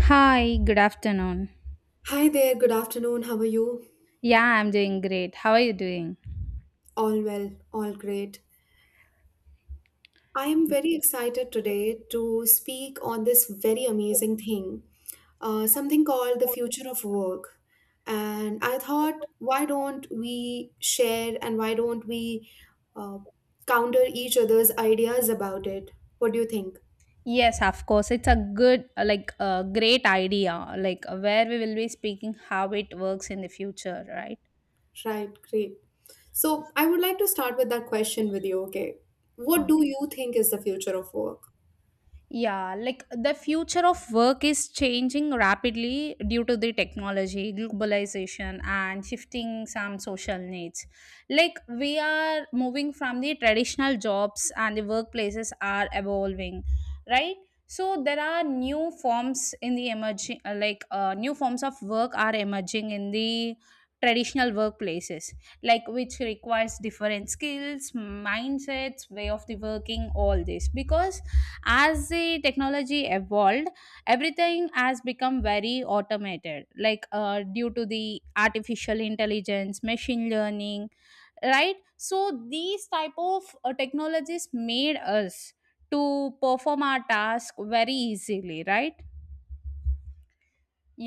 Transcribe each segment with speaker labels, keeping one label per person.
Speaker 1: Hi, good afternoon.
Speaker 2: Hi there, good afternoon. How are you?
Speaker 1: Yeah, I'm doing great. How are you doing?
Speaker 2: All well, all great. I am very excited today to speak on this very amazing thing, something called the future of work. And I thought, why don't we share and why don't we uh, counter each other's ideas about it? What do you think?
Speaker 1: Yes, of course. It's a good, like, a great idea, like, where we will be speaking how it works in the future, right?
Speaker 2: Right, great. So I would like to start with that question with you, okay? What do you think is the future of work?
Speaker 1: Yeah, like the future of work is changing rapidly due to the technology, globalization, and shifting some social needs. Like, we are moving from the traditional jobs, and the workplaces are evolving, right? So, there are new forms in the emerging, like, new forms of work are emerging in the traditional workplaces, like, which requires different skills, mindsets, way of the working, all this. Because as the technology evolved, everything has become very automated, like due to the artificial intelligence, machine learning, right? So these type of technologies made us to perform our task very easily, right?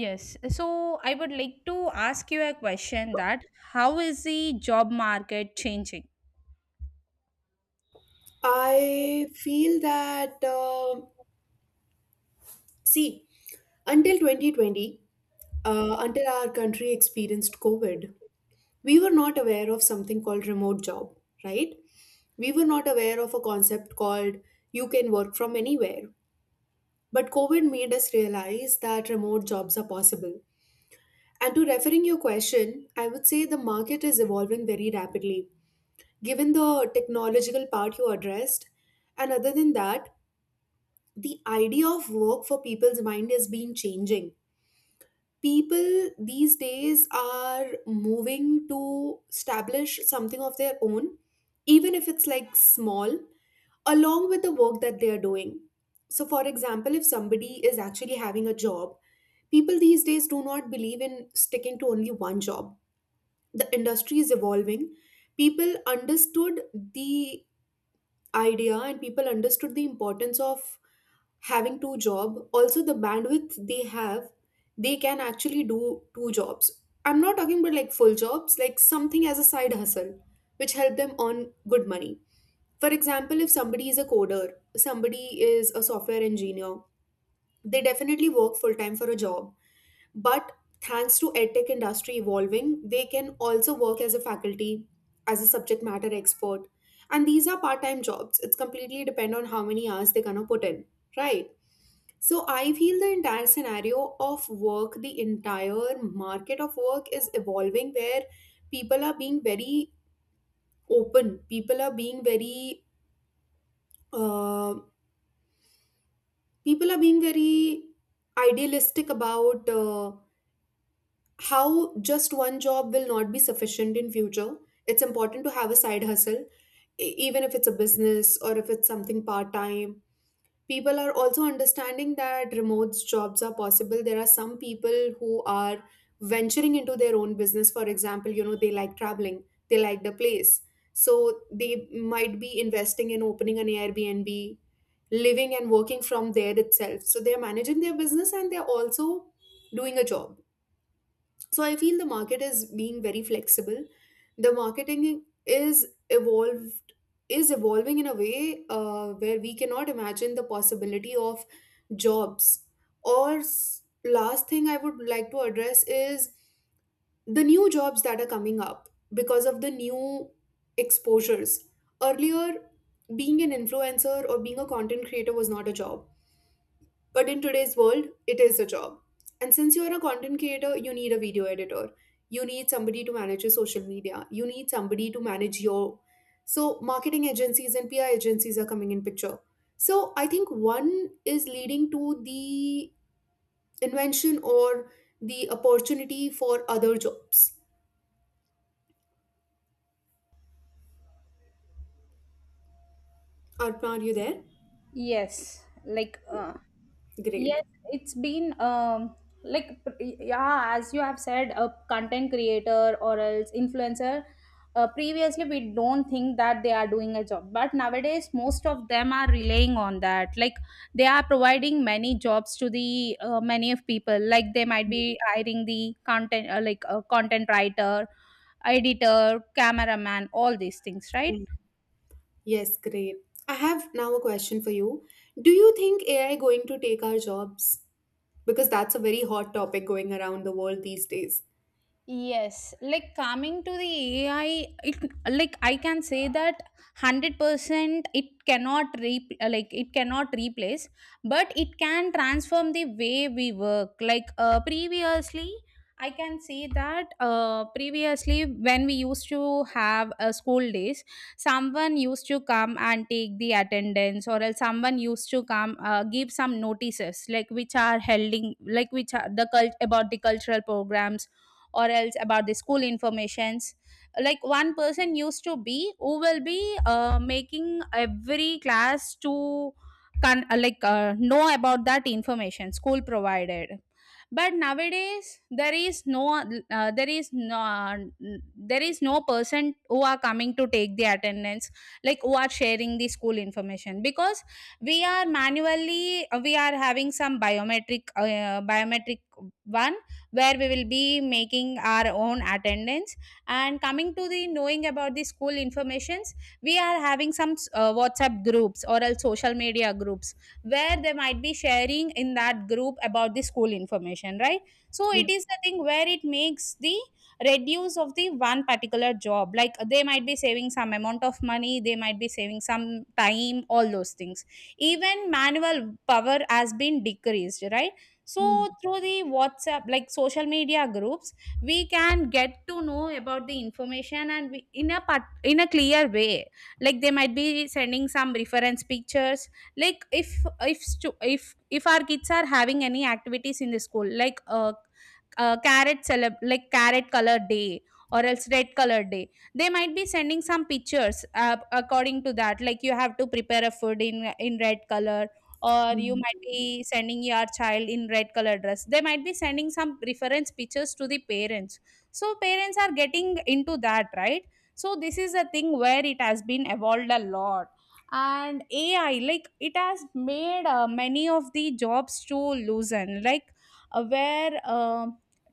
Speaker 1: Yes, so I would like to ask you a question that how is the job market changing?
Speaker 2: I feel that, see, until 2020, until our country experienced COVID, we were not aware of something called remote job, right? We were not aware of a concept called you can work from anywhere. But COVID made us realize that remote jobs are possible. And to referring your question, I would say the market is evolving very rapidly. Given the technological part you addressed, and other than that, the idea of work for people's mind has been changing. People these days are moving to establish something of their own, even if it's like small, along with the work that they are doing. So, for example, if somebody is actually having a job, people these days do not believe in sticking to only one job. The industry is evolving. People understood the idea and people understood the importance of having two job, also the bandwidth they have, they can actually do two jobs. I'm not talking about like full jobs, like something as a side hustle which help them earn good money. For example, if somebody is a coder, somebody is a software engineer, they definitely work full time for a job, but thanks to edtech industry evolving, they can also work as a faculty, as a subject matter expert. And these are part time jobs. It's completely depend on how many hours they're going to put in, right? So I feel the entire scenario of work, the entire market of work is evolving where people are being very open, people are being very, uh, people are being very idealistic about how just one job will not be sufficient in future. It's important to have a side hustle, even if it's a business or if it's something part time. People are also understanding that remote jobs are possible. There are some people who are venturing into their own business. For example, you know, they like traveling, they like the place, so they might be investing in opening an Airbnb, living and working from there itself. So they're managing their business and they're also doing a job. So I feel the market is being very flexible. The marketing is evolving in a way where we cannot imagine the possibility of jobs. Or last thing I would like to address is the new jobs that are coming up because of the new exposures. Earlier, being an influencer or being a content creator was not a job, but in today's world, it is a job. And since you're a content creator, you need a video editor. You need somebody to manage your social media. You need somebody to manage your. So, marketing agencies and PR agencies are coming in picture. So, I think one is leading to the invention or the opportunity for other jobs. Arpana, are you there?
Speaker 1: Yes, like yes,
Speaker 2: Great.
Speaker 1: it's been like yeah, as you have said, a content creator or else influencer. Previously, we don't think that they are doing a job, but nowadays most of them are relying on that. Like they are providing many jobs to the many of people. Like they might be hiring the content, like a content writer, editor, cameraman, all these things, right?
Speaker 2: Mm. Yes, great. I have now a question for you. Do you think AI going to take our jobs? Because that's a very hot topic going around the world these days.
Speaker 1: Yes, like coming to the AI, it like I can say that 100% it cannot re like it cannot replace, but it can transform the way we work. Like previously, I can say that previously when we used to have school days, someone used to come and take the attendance, or else someone used to come give some notices, like which are holding, like which are the cultural programs or else about the school informations. Like one person used to be who will be making every class to like know about that information school provided, but nowadays there is no uh, there is no there is no person who are coming to take the attendance, like who are sharing the school information, because we are manually we are having some biometric one where we will be making our own attendance. And coming to the knowing about the school informations, we are having some WhatsApp groups or else social media groups where they might be sharing in that group about the school information, right? So
Speaker 2: Yeah.
Speaker 1: it is the thing where it makes the reduce of the one particular job. Like they might be saving some amount of money, they might be saving some time, all those things. Even manual power has been decreased, right? So
Speaker 2: Hmm.
Speaker 1: through the WhatsApp, like social media groups, we can get to know about the information and we, in a part, in a clear way, like they might be sending some reference pictures. Like if if our kids are having any activities in the school, like carrot celeb like carrot color day or else red color day, they might be sending some pictures according to that, like you have to prepare a food in red color, or you might
Speaker 2: Hmm.
Speaker 1: be sending your child in red color dress. They might be sending some reference pictures to the parents, so parents are getting into that, right? So this is a thing where it has been evolved a lot. And AI, like it has made many of the jobs to loosen, like where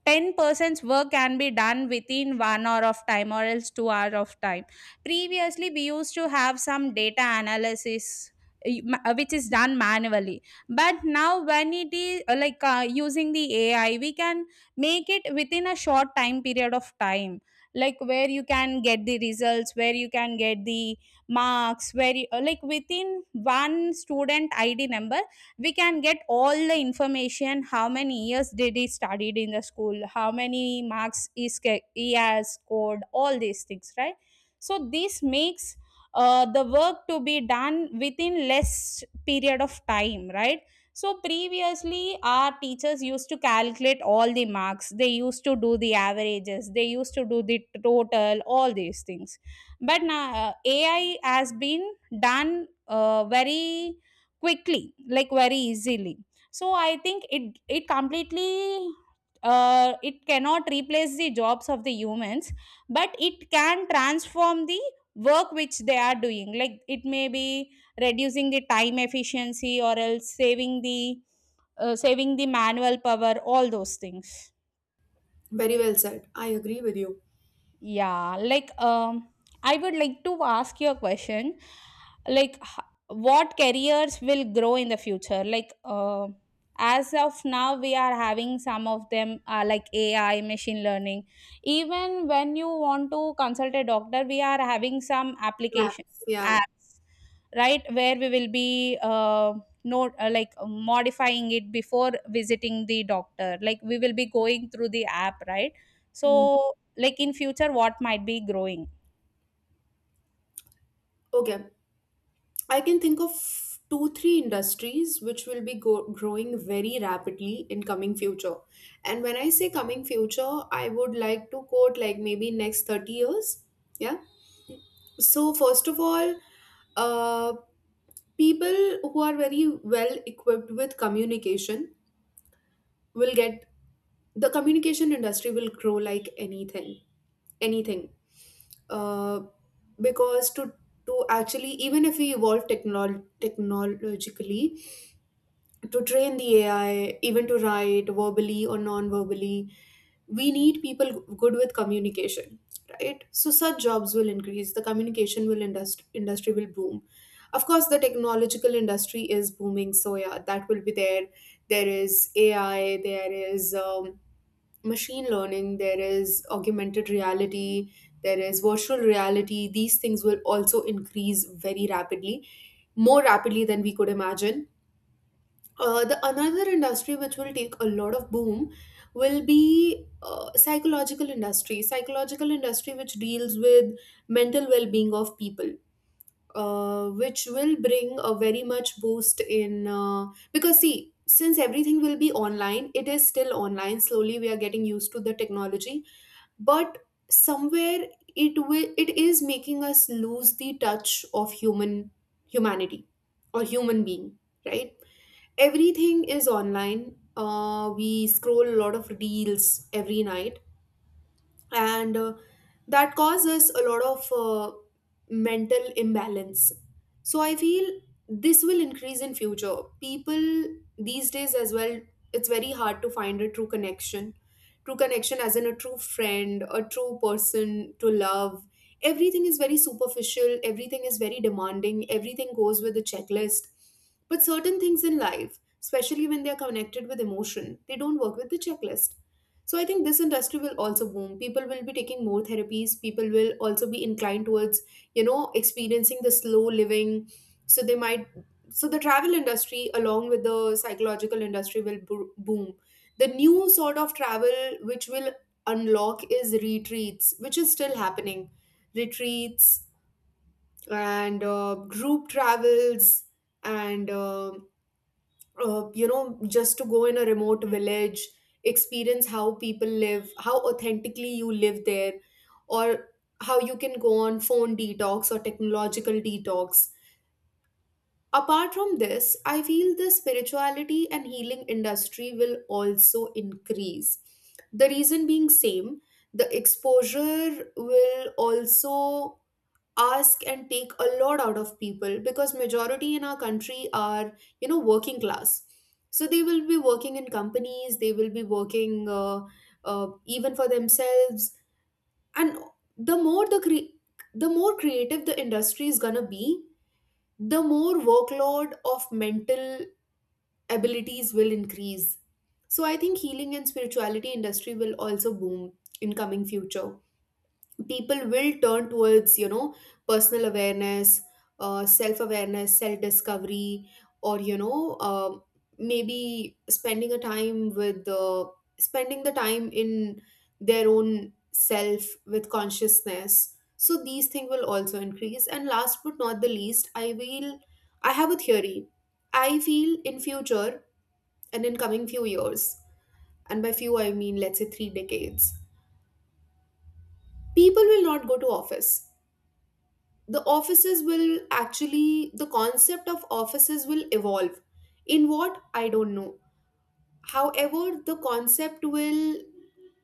Speaker 1: 10 person's work can be done within 1 hour of time or else 2 hour of time. Previously we used to have some data analysis, which is done manually, but now when it is like using the AI, we can make it within a short time period of time. Like where you can get the results, where you can get the marks, where you, like within one student ID number, we can get all the information: how many years did he studied in the school, how many he has scored, all these things, right? So this makes the work to be done within less period of time, right? So previously our teachers used to calculate all the marks, they used to do the averages, they used to do the total, all these things. But now AI has been done very quickly, like very easily. So I think it completely it cannot replace the jobs of the humans, but it can transform the work which they are doing. Like it may be reducing the time efficiency or else saving the manual power, all those things.
Speaker 2: Very well said. I agree with you.
Speaker 1: Yeah, like I would like to ask you a question. Like, what careers will grow in the future? Like, as of now, we are having some of them are like AI, machine learning. Even when you want to consult a doctor, we are having some application
Speaker 2: Perhaps,
Speaker 1: like
Speaker 2: yeah.
Speaker 1: apps, right? Where we will be not like modifying it before visiting the doctor. Like, we will be going through the app, right?
Speaker 2: Hmm.
Speaker 1: So like in future what might be growing?
Speaker 2: Okay. I can think of two, three industries which will be growing very rapidly in coming future. And when I say coming future, I would like to quote like maybe next 30 years. Yeah. So first of all, uh, people who are very well equipped with communication will get, the communication industry will grow like anything, anything uh, because to actually even if we evolve technologically, to train the AI even to write verbally or non-verbally, we need people good with communication, right? So such jobs will increase. The communication will industry will boom. Of course the technological industry is booming, so yeah, that will be there. There is AI, there is machine learning, there is augmented reality, there is virtual reality. These things will also increase very rapidly, more rapidly than we could imagine. The another industry which will take a lot of boom will be psychological industry. Psychological industry which deals with mental well-being of people, which will bring a very much boost in, because see, since everything will be online, it is still online, slowly we are getting used to the technology, but somewhere it will, it is making us lose the touch of human humanity or human being, right? Everything is online. We scroll a lot of reels every night, and that causes a lot of mental imbalance. So I feel this will increase in future. People these days as well, it's very hard to find a true connection. True connection as in a true friend, a true person to love. Everything is very superficial, everything is very demanding, everything goes with a checklist. But certain things in life, especially when they are connected with emotion, they don't work with the checklist. So I think this industry will also boom. People will be taking more therapies. People will also be inclined towards, you know, experiencing the slow living. So they might, so the travel industry along with the psychological industry will boom. The new sort of travel which will unlock is retreats, which is still happening. Retreats and group travels, and you know, just to go in a remote village, experience how people live, how authentically you live there, or how you can go on phone detox or technological detox. Apart from this, I feel the spirituality and healing industry will also increase. The reason being same, the exposure will also ask and take a lot out of people, because majority in our country are, you know, working class, so they will be working in companies, they will be working, even for themselves. And the more the the more creative the industry is going to be, the more workload of mental abilities will increase. So I think healing and spirituality industry will also boom in coming future. People will turn towards, you know, personal awareness, self awareness, self discovery, or you know, maybe spending a time with, spending the time in their own self with consciousness. So these things will also increase. And last but not the least, I have a theory. I feel in future and in coming few years, and by few I mean let's say 3 decades, people will not go to office. The offices will actually, the concept of offices will evolve in what I don't know. However, the concept will,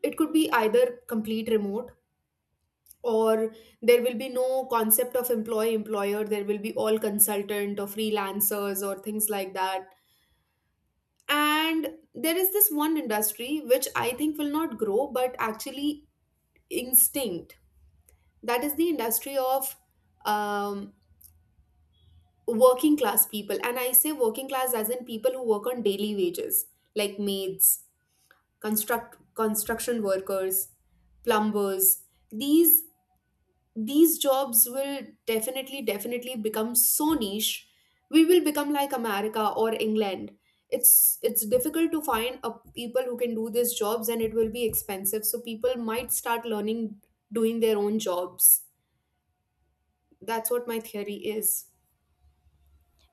Speaker 2: it could be either complete remote, or there will be no concept of employee employer, there will be all consultant or freelancers or things like that. And there is this one industry which I think will not grow but actually instinct, that is the industry of um, working class people. And I say working class as in people who work on daily wages, like maids, construction workers, plumbers. These these jobs will definitely, definitely become so niche. We will become like America or England. It's difficult to find a people who can do these jobs, and it will be expensive, so people might start learning doing their own jobs. That's what my theory is.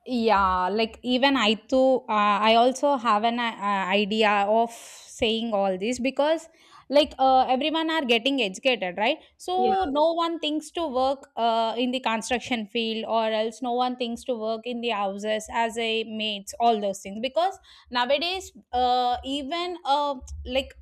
Speaker 1: Yeah, like even I also have an idea of saying all this, because like everyone are getting educated, right?
Speaker 2: Yeah.
Speaker 1: So no one thinks to work in the construction field or else no one thinks to work in the houses as a mates, all those things, because nowadays even like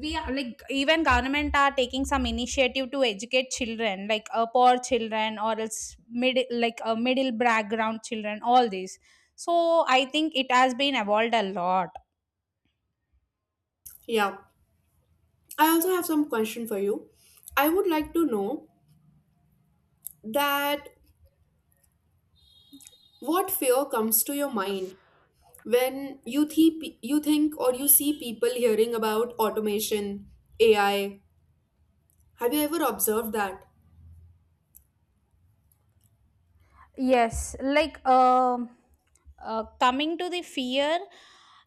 Speaker 1: we are like even government are taking some initiative to educate children, like poor children or else mid like middle background children, all these. So I think it has been evolved a lot.
Speaker 2: Yeah, I also have some question for you. I would like to know that what fear comes to your mind when you you think or you see people hearing about automation, AI. Have you ever observed that?
Speaker 1: Yes, like coming to the fear,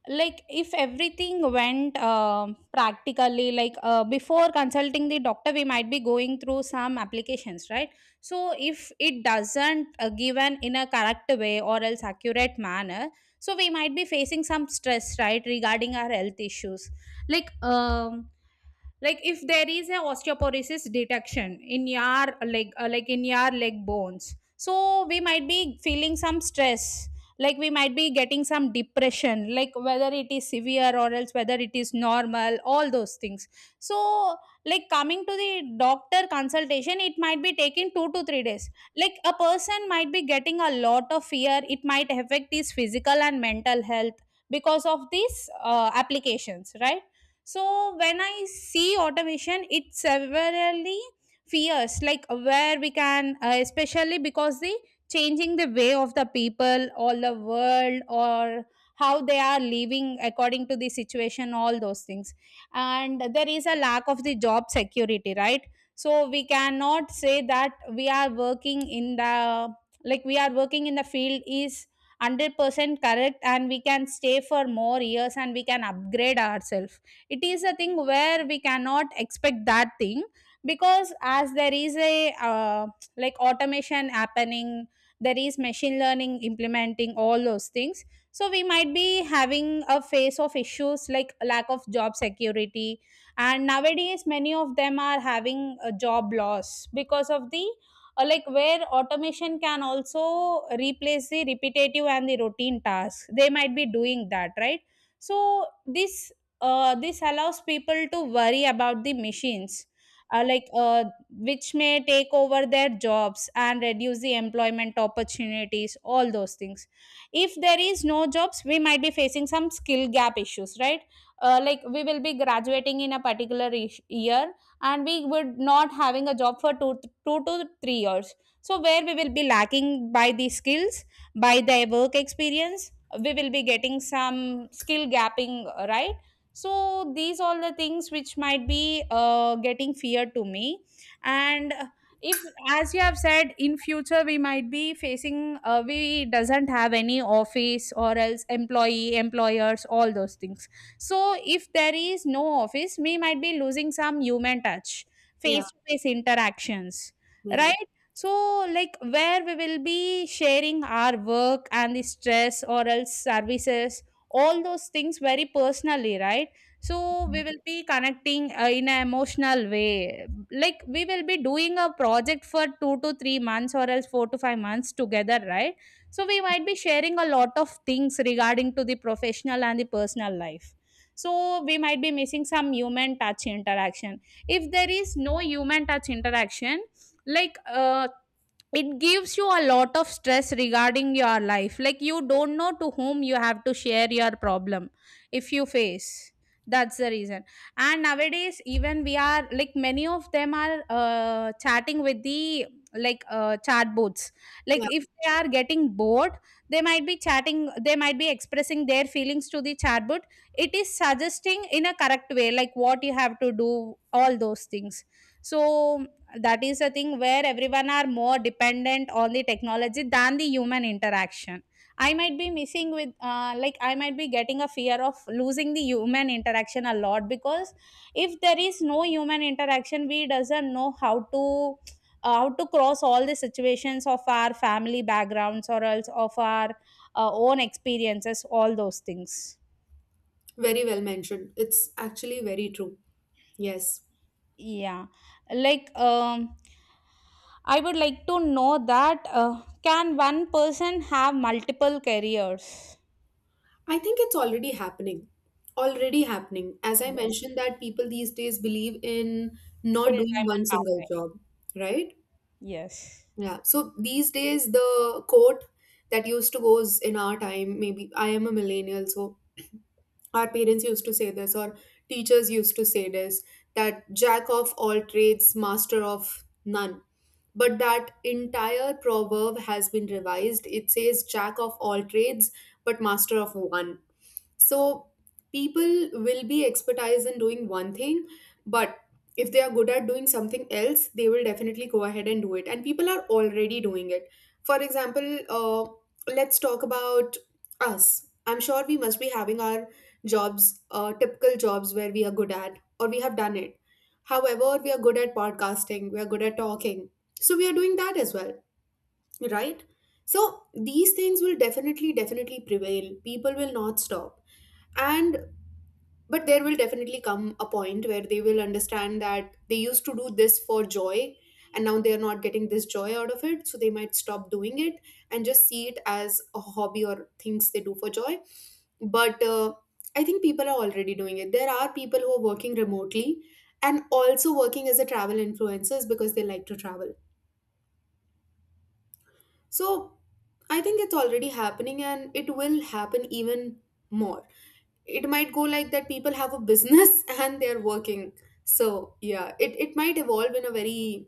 Speaker 1: like if everything went practically, like before consulting the doctor, we might be going through some applications, right? So if it doesn't given in a correct way or else accurate manner, so we might be facing some stress, right, regarding our health issues. Like um, like if there is a osteoporosis detection in your like in your leg bones, so we might be feeling some stress. Like we might be getting some depression, like whether it is severe or else whether it is normal, all those things. So like coming to the doctor consultation, it might be taking 2 to 3 days. Like a person might be getting a lot of fear, it might affect his physical and mental health because of these applications, right? So when I see automation, it severely fears, like where we can especially because the changing the way of the people all the world, or how they are living according to the situation, all those things. And there is a lack of the job security, right? So we cannot say that we are working in the, like we are working in the field is 100% correct and we can stay for more years and we can upgrade ourselves. It is a thing where we cannot expect that thing, because as there is a like automation happening, there is machine learning implementing, all those things. So we might be having a phase of issues like lack of job security. And nowadays many of them are having a job loss because of the like where automation can also replace the repetitive and the routine tasks, they might be doing that, right? So this allows people to worry about the machines, uh, like uh, which may take over their jobs and reduce the employment opportunities, all those things. If there is no jobs, we might be facing some skill gap issues, right? Uh, like we will be graduating in a particular year and we would not having a job for 2 to 3 years, so where we will be lacking by the skills, by the work experience, we will be getting some skill gapping, right? So these all the things which might be getting fear to me. And if as you have said in future, we might be facing we doesn't have any office or else employee employers, all those things. So if there is no office, we might be losing some human touch,
Speaker 2: Yeah,
Speaker 1: face to face interactions,
Speaker 2: yeah,
Speaker 1: right? So like where we will be sharing our work and the stress or else services, all those things very personally, right? So we will be connecting in an emotional way. Like we will be doing a project for 2 to 3 months or else 4 to 5 months together, right? So we might be sharing a lot of things regarding to the professional and the personal life. So we might be missing some human touch interaction. If there is no human touch interaction, like it gives you a lot of stress regarding your life, like you don't know to whom you have to share your problem if you face. That's the reason. And nowadays even we are like many of them are chatting with the chat bots, like
Speaker 2: yeah.
Speaker 1: if they are getting bored, they might be chatting, they might be expressing their feelings to the chatbot. It is suggesting in a correct way like what you have to do, all those things. So that is a thing where everyone are more dependent on the technology than the human interaction. I might be missing with like I might be getting a fear of losing the human interaction a lot, because if there is no human interaction, we doesn't know how to cross all the situations of our family backgrounds or else of our own experiences, all those things.
Speaker 2: Very well mentioned. It's actually very true. Yes.
Speaker 1: Yeah, like um, I would like to know that, can one person have multiple careers?
Speaker 2: I think it's already happening. Already happening. As I
Speaker 1: Yes,
Speaker 2: mentioned that people these days believe in
Speaker 1: full
Speaker 2: not doing
Speaker 1: time
Speaker 2: one
Speaker 1: and part
Speaker 2: single
Speaker 1: time.
Speaker 2: job, right?
Speaker 1: Yes.
Speaker 2: Yeah. So these days, the quote that used to goes in our time, maybe I am a millennial, so our parents used to say this, or teachers used to say this, that jack of all trades, master of none. But that entire proverb has been revised. It says jack of all trades, but master of one. So people will be expertise in doing one thing, but if they are good at doing something else, they will definitely go ahead and do it. And people are already doing it. For example, let's talk about us. I'm sure we must be having our jobs, typical jobs where we are good at, or we have done it. However, we are good at podcasting, we are good at talking. So we are doing that as well, right? So these things will definitely, definitely prevail. People will not stop and but there will definitely come a point where they will understand that they used to do this for joy, and now they are not getting this joy out of it, so they might stop doing it and just see it as a hobby or things they do for joy. But I think people are already doing it. There are people who are working remotely and also working as a travel influencers because they like to travel. So I think it's already happening and it will happen even more. It might go like that, people have a business and they're working. So yeah, it might evolve in a very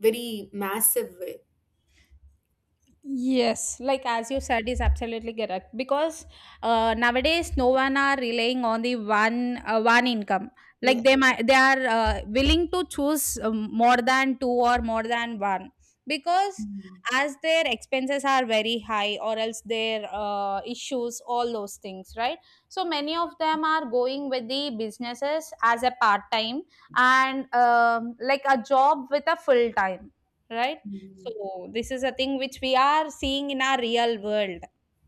Speaker 2: very massive way.
Speaker 1: Yes, like as you said, is absolutely correct, because nowadays no one are relying on the one one income.
Speaker 2: Yeah.
Speaker 1: Like they are willing to choose more than two or more than one, because
Speaker 2: Mm,
Speaker 1: as their expenses are very high or else their issues, all those things, right? So many of them are going with the businesses as a part time and like a job with a full time, right?
Speaker 2: mm.
Speaker 1: So this is a thing which we are seeing in our real world.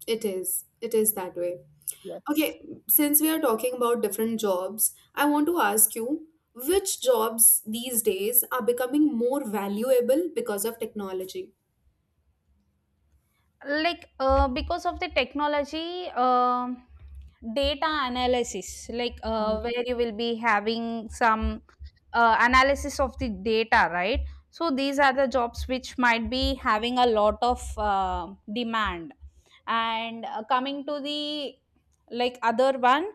Speaker 2: It is, it is that way.
Speaker 1: Yes.
Speaker 2: Okay, since we are talking about different jobs, I want to ask you which jobs these days are becoming more valuable because of technology.
Speaker 1: Because of the technology, data analysis, like
Speaker 2: Mm.
Speaker 1: where you will be having some analysis of the data, right? So these are the jobs which might be having a lot of demand. And coming to the like other one,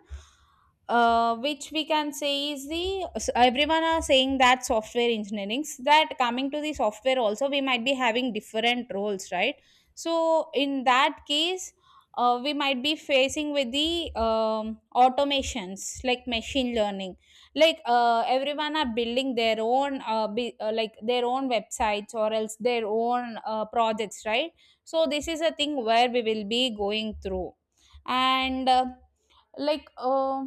Speaker 1: which we can say is the everyone are saying that software engineering, that coming to the software also, we might be having different roles, right? So in that case, we might be facing with the automations like machine learning. Everyone are building their own like their own websites or else their own projects, right? So this is a thing where we will be going through. And like uh,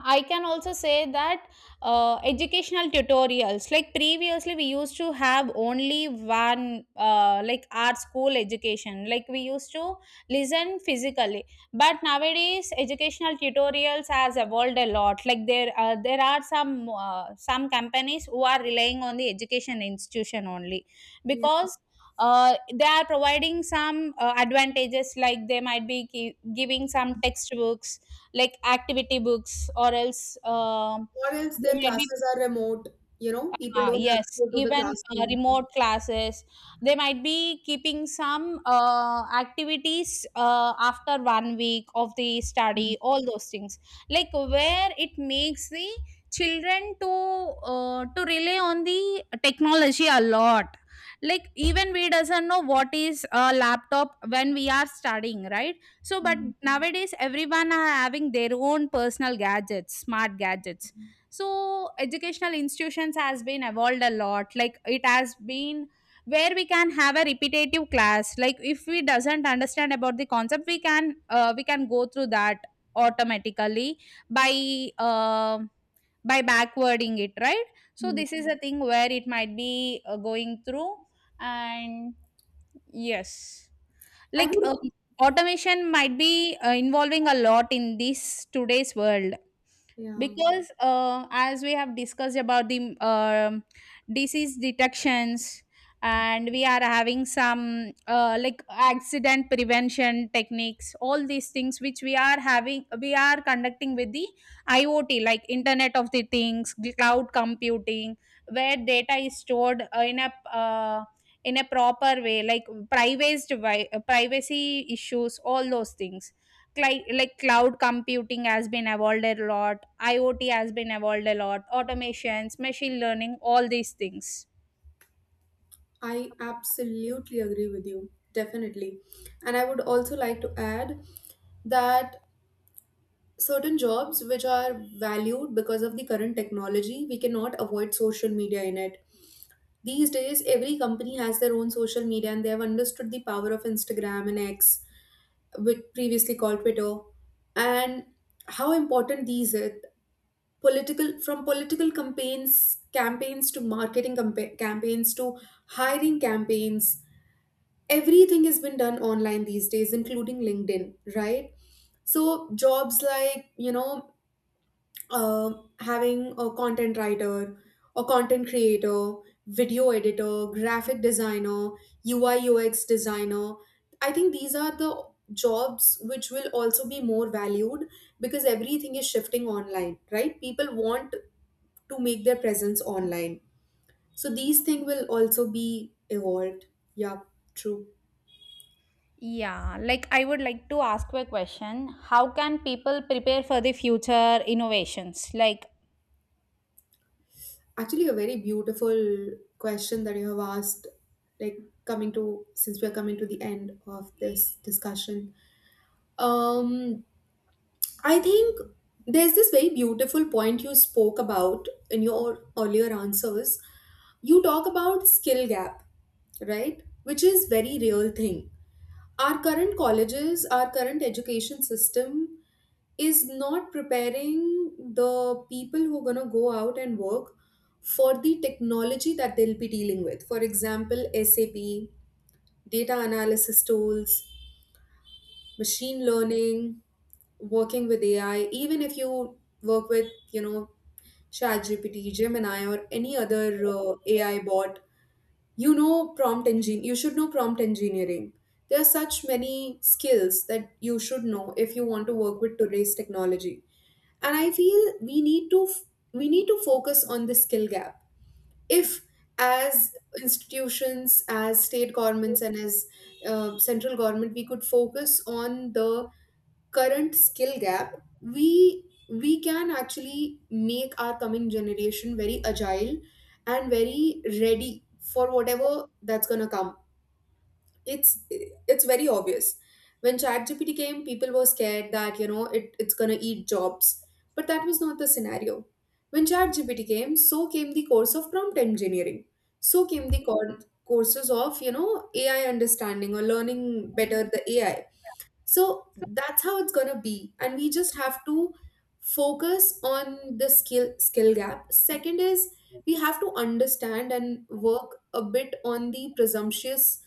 Speaker 1: I can also say that educational tutorials, like previously we used to have only one, like our school education, like we used to listen physically. But nowadays, educational tutorials has evolved a lot. Like there are some companies who are relying on the education institution only,
Speaker 2: Yeah.
Speaker 1: because. They are providing some advantages, like they might be giving some textbooks like activity books or else
Speaker 2: Or else
Speaker 1: there
Speaker 2: their
Speaker 1: might be.
Speaker 2: classes are remote, you know, people
Speaker 1: Ah,
Speaker 2: don't have to
Speaker 1: yes,
Speaker 2: go to the
Speaker 1: even
Speaker 2: classroom.
Speaker 1: remote classes, they might be keeping some activities after one week of the
Speaker 2: Mm,
Speaker 1: study, all those things. Like where it makes the children to rely on the technology a lot. Like even we doesn't know what is a laptop when we are studying, right? So, but
Speaker 2: mm,
Speaker 1: nowadays everyone are having their own personal gadgets, smart gadgets. So educational institutions has been evolved a lot, like it has been where we can have a repetitive class. Like if we doesn't understand about the concept, we can go through that automatically by uh, by backwarding it, right? So
Speaker 2: mm.
Speaker 1: this is a thing where it might be going through. And yes,
Speaker 2: I
Speaker 1: like
Speaker 2: would.
Speaker 1: um, automation might be involving a lot in this today's world,
Speaker 2: Yeah.
Speaker 1: because as we have discussed about the disease detections, and we are having some like accident prevention techniques, all these things which we are having, we are conducting with the IoT, like internet of the things, cloud computing, where data is stored uh, in a proper way, like privacy privacy issues, all those things. Like cloud computing has been evolved a lot, IoT has been evolved a lot, automations, machine learning, all these things.
Speaker 2: I absolutely agree with you, definitely. And I would also like to add that certain jobs which are valued because of the current technology, we cannot avoid social media in it. These days, every company has their own social media and they have understood the power of Instagram and X, which previously called Twitter, and how important these are. Political from political campaigns to marketing campaigns to hiring campaigns, everything has been done online these days, including LinkedIn, right? So jobs like, you know, uh, having a content writer, a content creator, video editor, graphic designer, UI UX designer, I think these are the jobs which will also be more valued, because everything is shifting online, right? People want to make their presence online, so these things will also be evolved. Yeah. True.
Speaker 1: Yeah, like I would like to ask you a question: how can people prepare for the future innovations, like?
Speaker 2: Actually, a very beautiful question that you have asked, like coming to since we are coming to the end of this discussion. Um, I think there's this very beautiful point you spoke about in your earlier answers. You talk about skill gap, right? Which is very real thing. Our current colleges, our current education system is not preparing the people who are going to go out and work for the technology that they'll be dealing with. For example, SAP, data analysis tools, machine learning, working with AI, even if you work with, you know, ChatGPT, Gemini, or any other AI bot, you know, prompt engine, you should know prompt engineering. There are such many skills that you should know if you want to work with today's technology. And I feel we need to focus on the skill gap. If as institutions, as state governments, and as central government, we could focus on the current skill gap, we can actually make our coming generation very agile and very ready for whatever that's going to come. It's very obvious, when ChatGPT came, people were scared that, you know, it's going to eat jobs, but that was not the scenario. When ChatGPT came, so came the course of prompt engineering, so came the courses of, you know, AI understanding or learning better the AI. So that's how it's going to be, and we just have to focus on the skill gap. Second is, we have to understand and work a bit on the presumptuous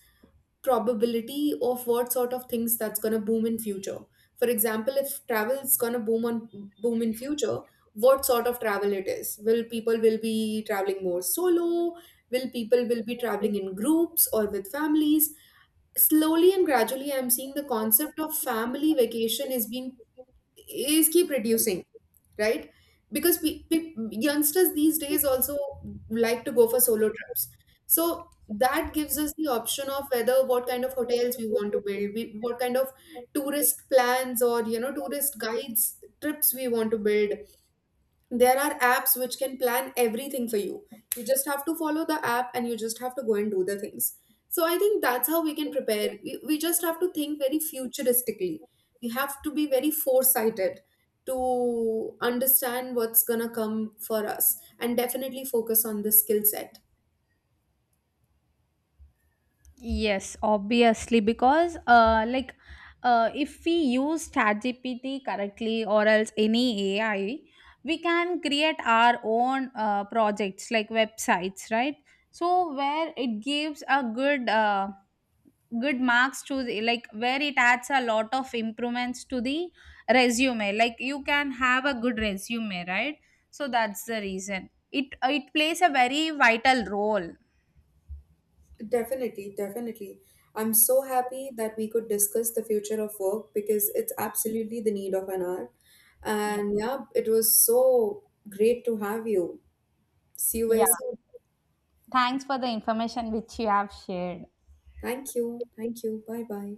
Speaker 2: probability of what sort of things that's going to boom in future. For example, if travel is going to boom in future, what sort of travel it is, will people will be traveling more solo, will people will be traveling in groups or with families? Slowly and gradually, I'm seeing the concept of family vacation is being is keep reducing, right? Because youngsters these days also like to go for solo trips. So that gives us the option of whether what kind of hotels we want to build, we, what kind of tourist plans or, you know, tourist guides trips we want to build, there are apps which can plan everything for you. You just have to follow the app and you just have to go and do the things. So I think that's how we can prepare. We just have to think very futuristically. We have to be very foresighted to understand what's gonna come for us and definitely focus on the skill set.
Speaker 1: Yes, obviously, because if we use ChatGPT correctly or else any AI, we can create our own projects like websites, right? So where it gives a good marks to the, like where it adds a lot of improvements to the resume. Like you can have a good resume, right? So that's the reason. It plays a very vital role.
Speaker 2: Definitely, definitely. I'm so happy that we could discuss the future of work because it's absolutely the need of an hour.
Speaker 1: Yeah.
Speaker 2: And yeah, it was so great to have you. See you very
Speaker 1: Yeah.
Speaker 2: soon.
Speaker 1: Thanks for the information which you have shared.
Speaker 2: Thank you. Thank you. Bye bye.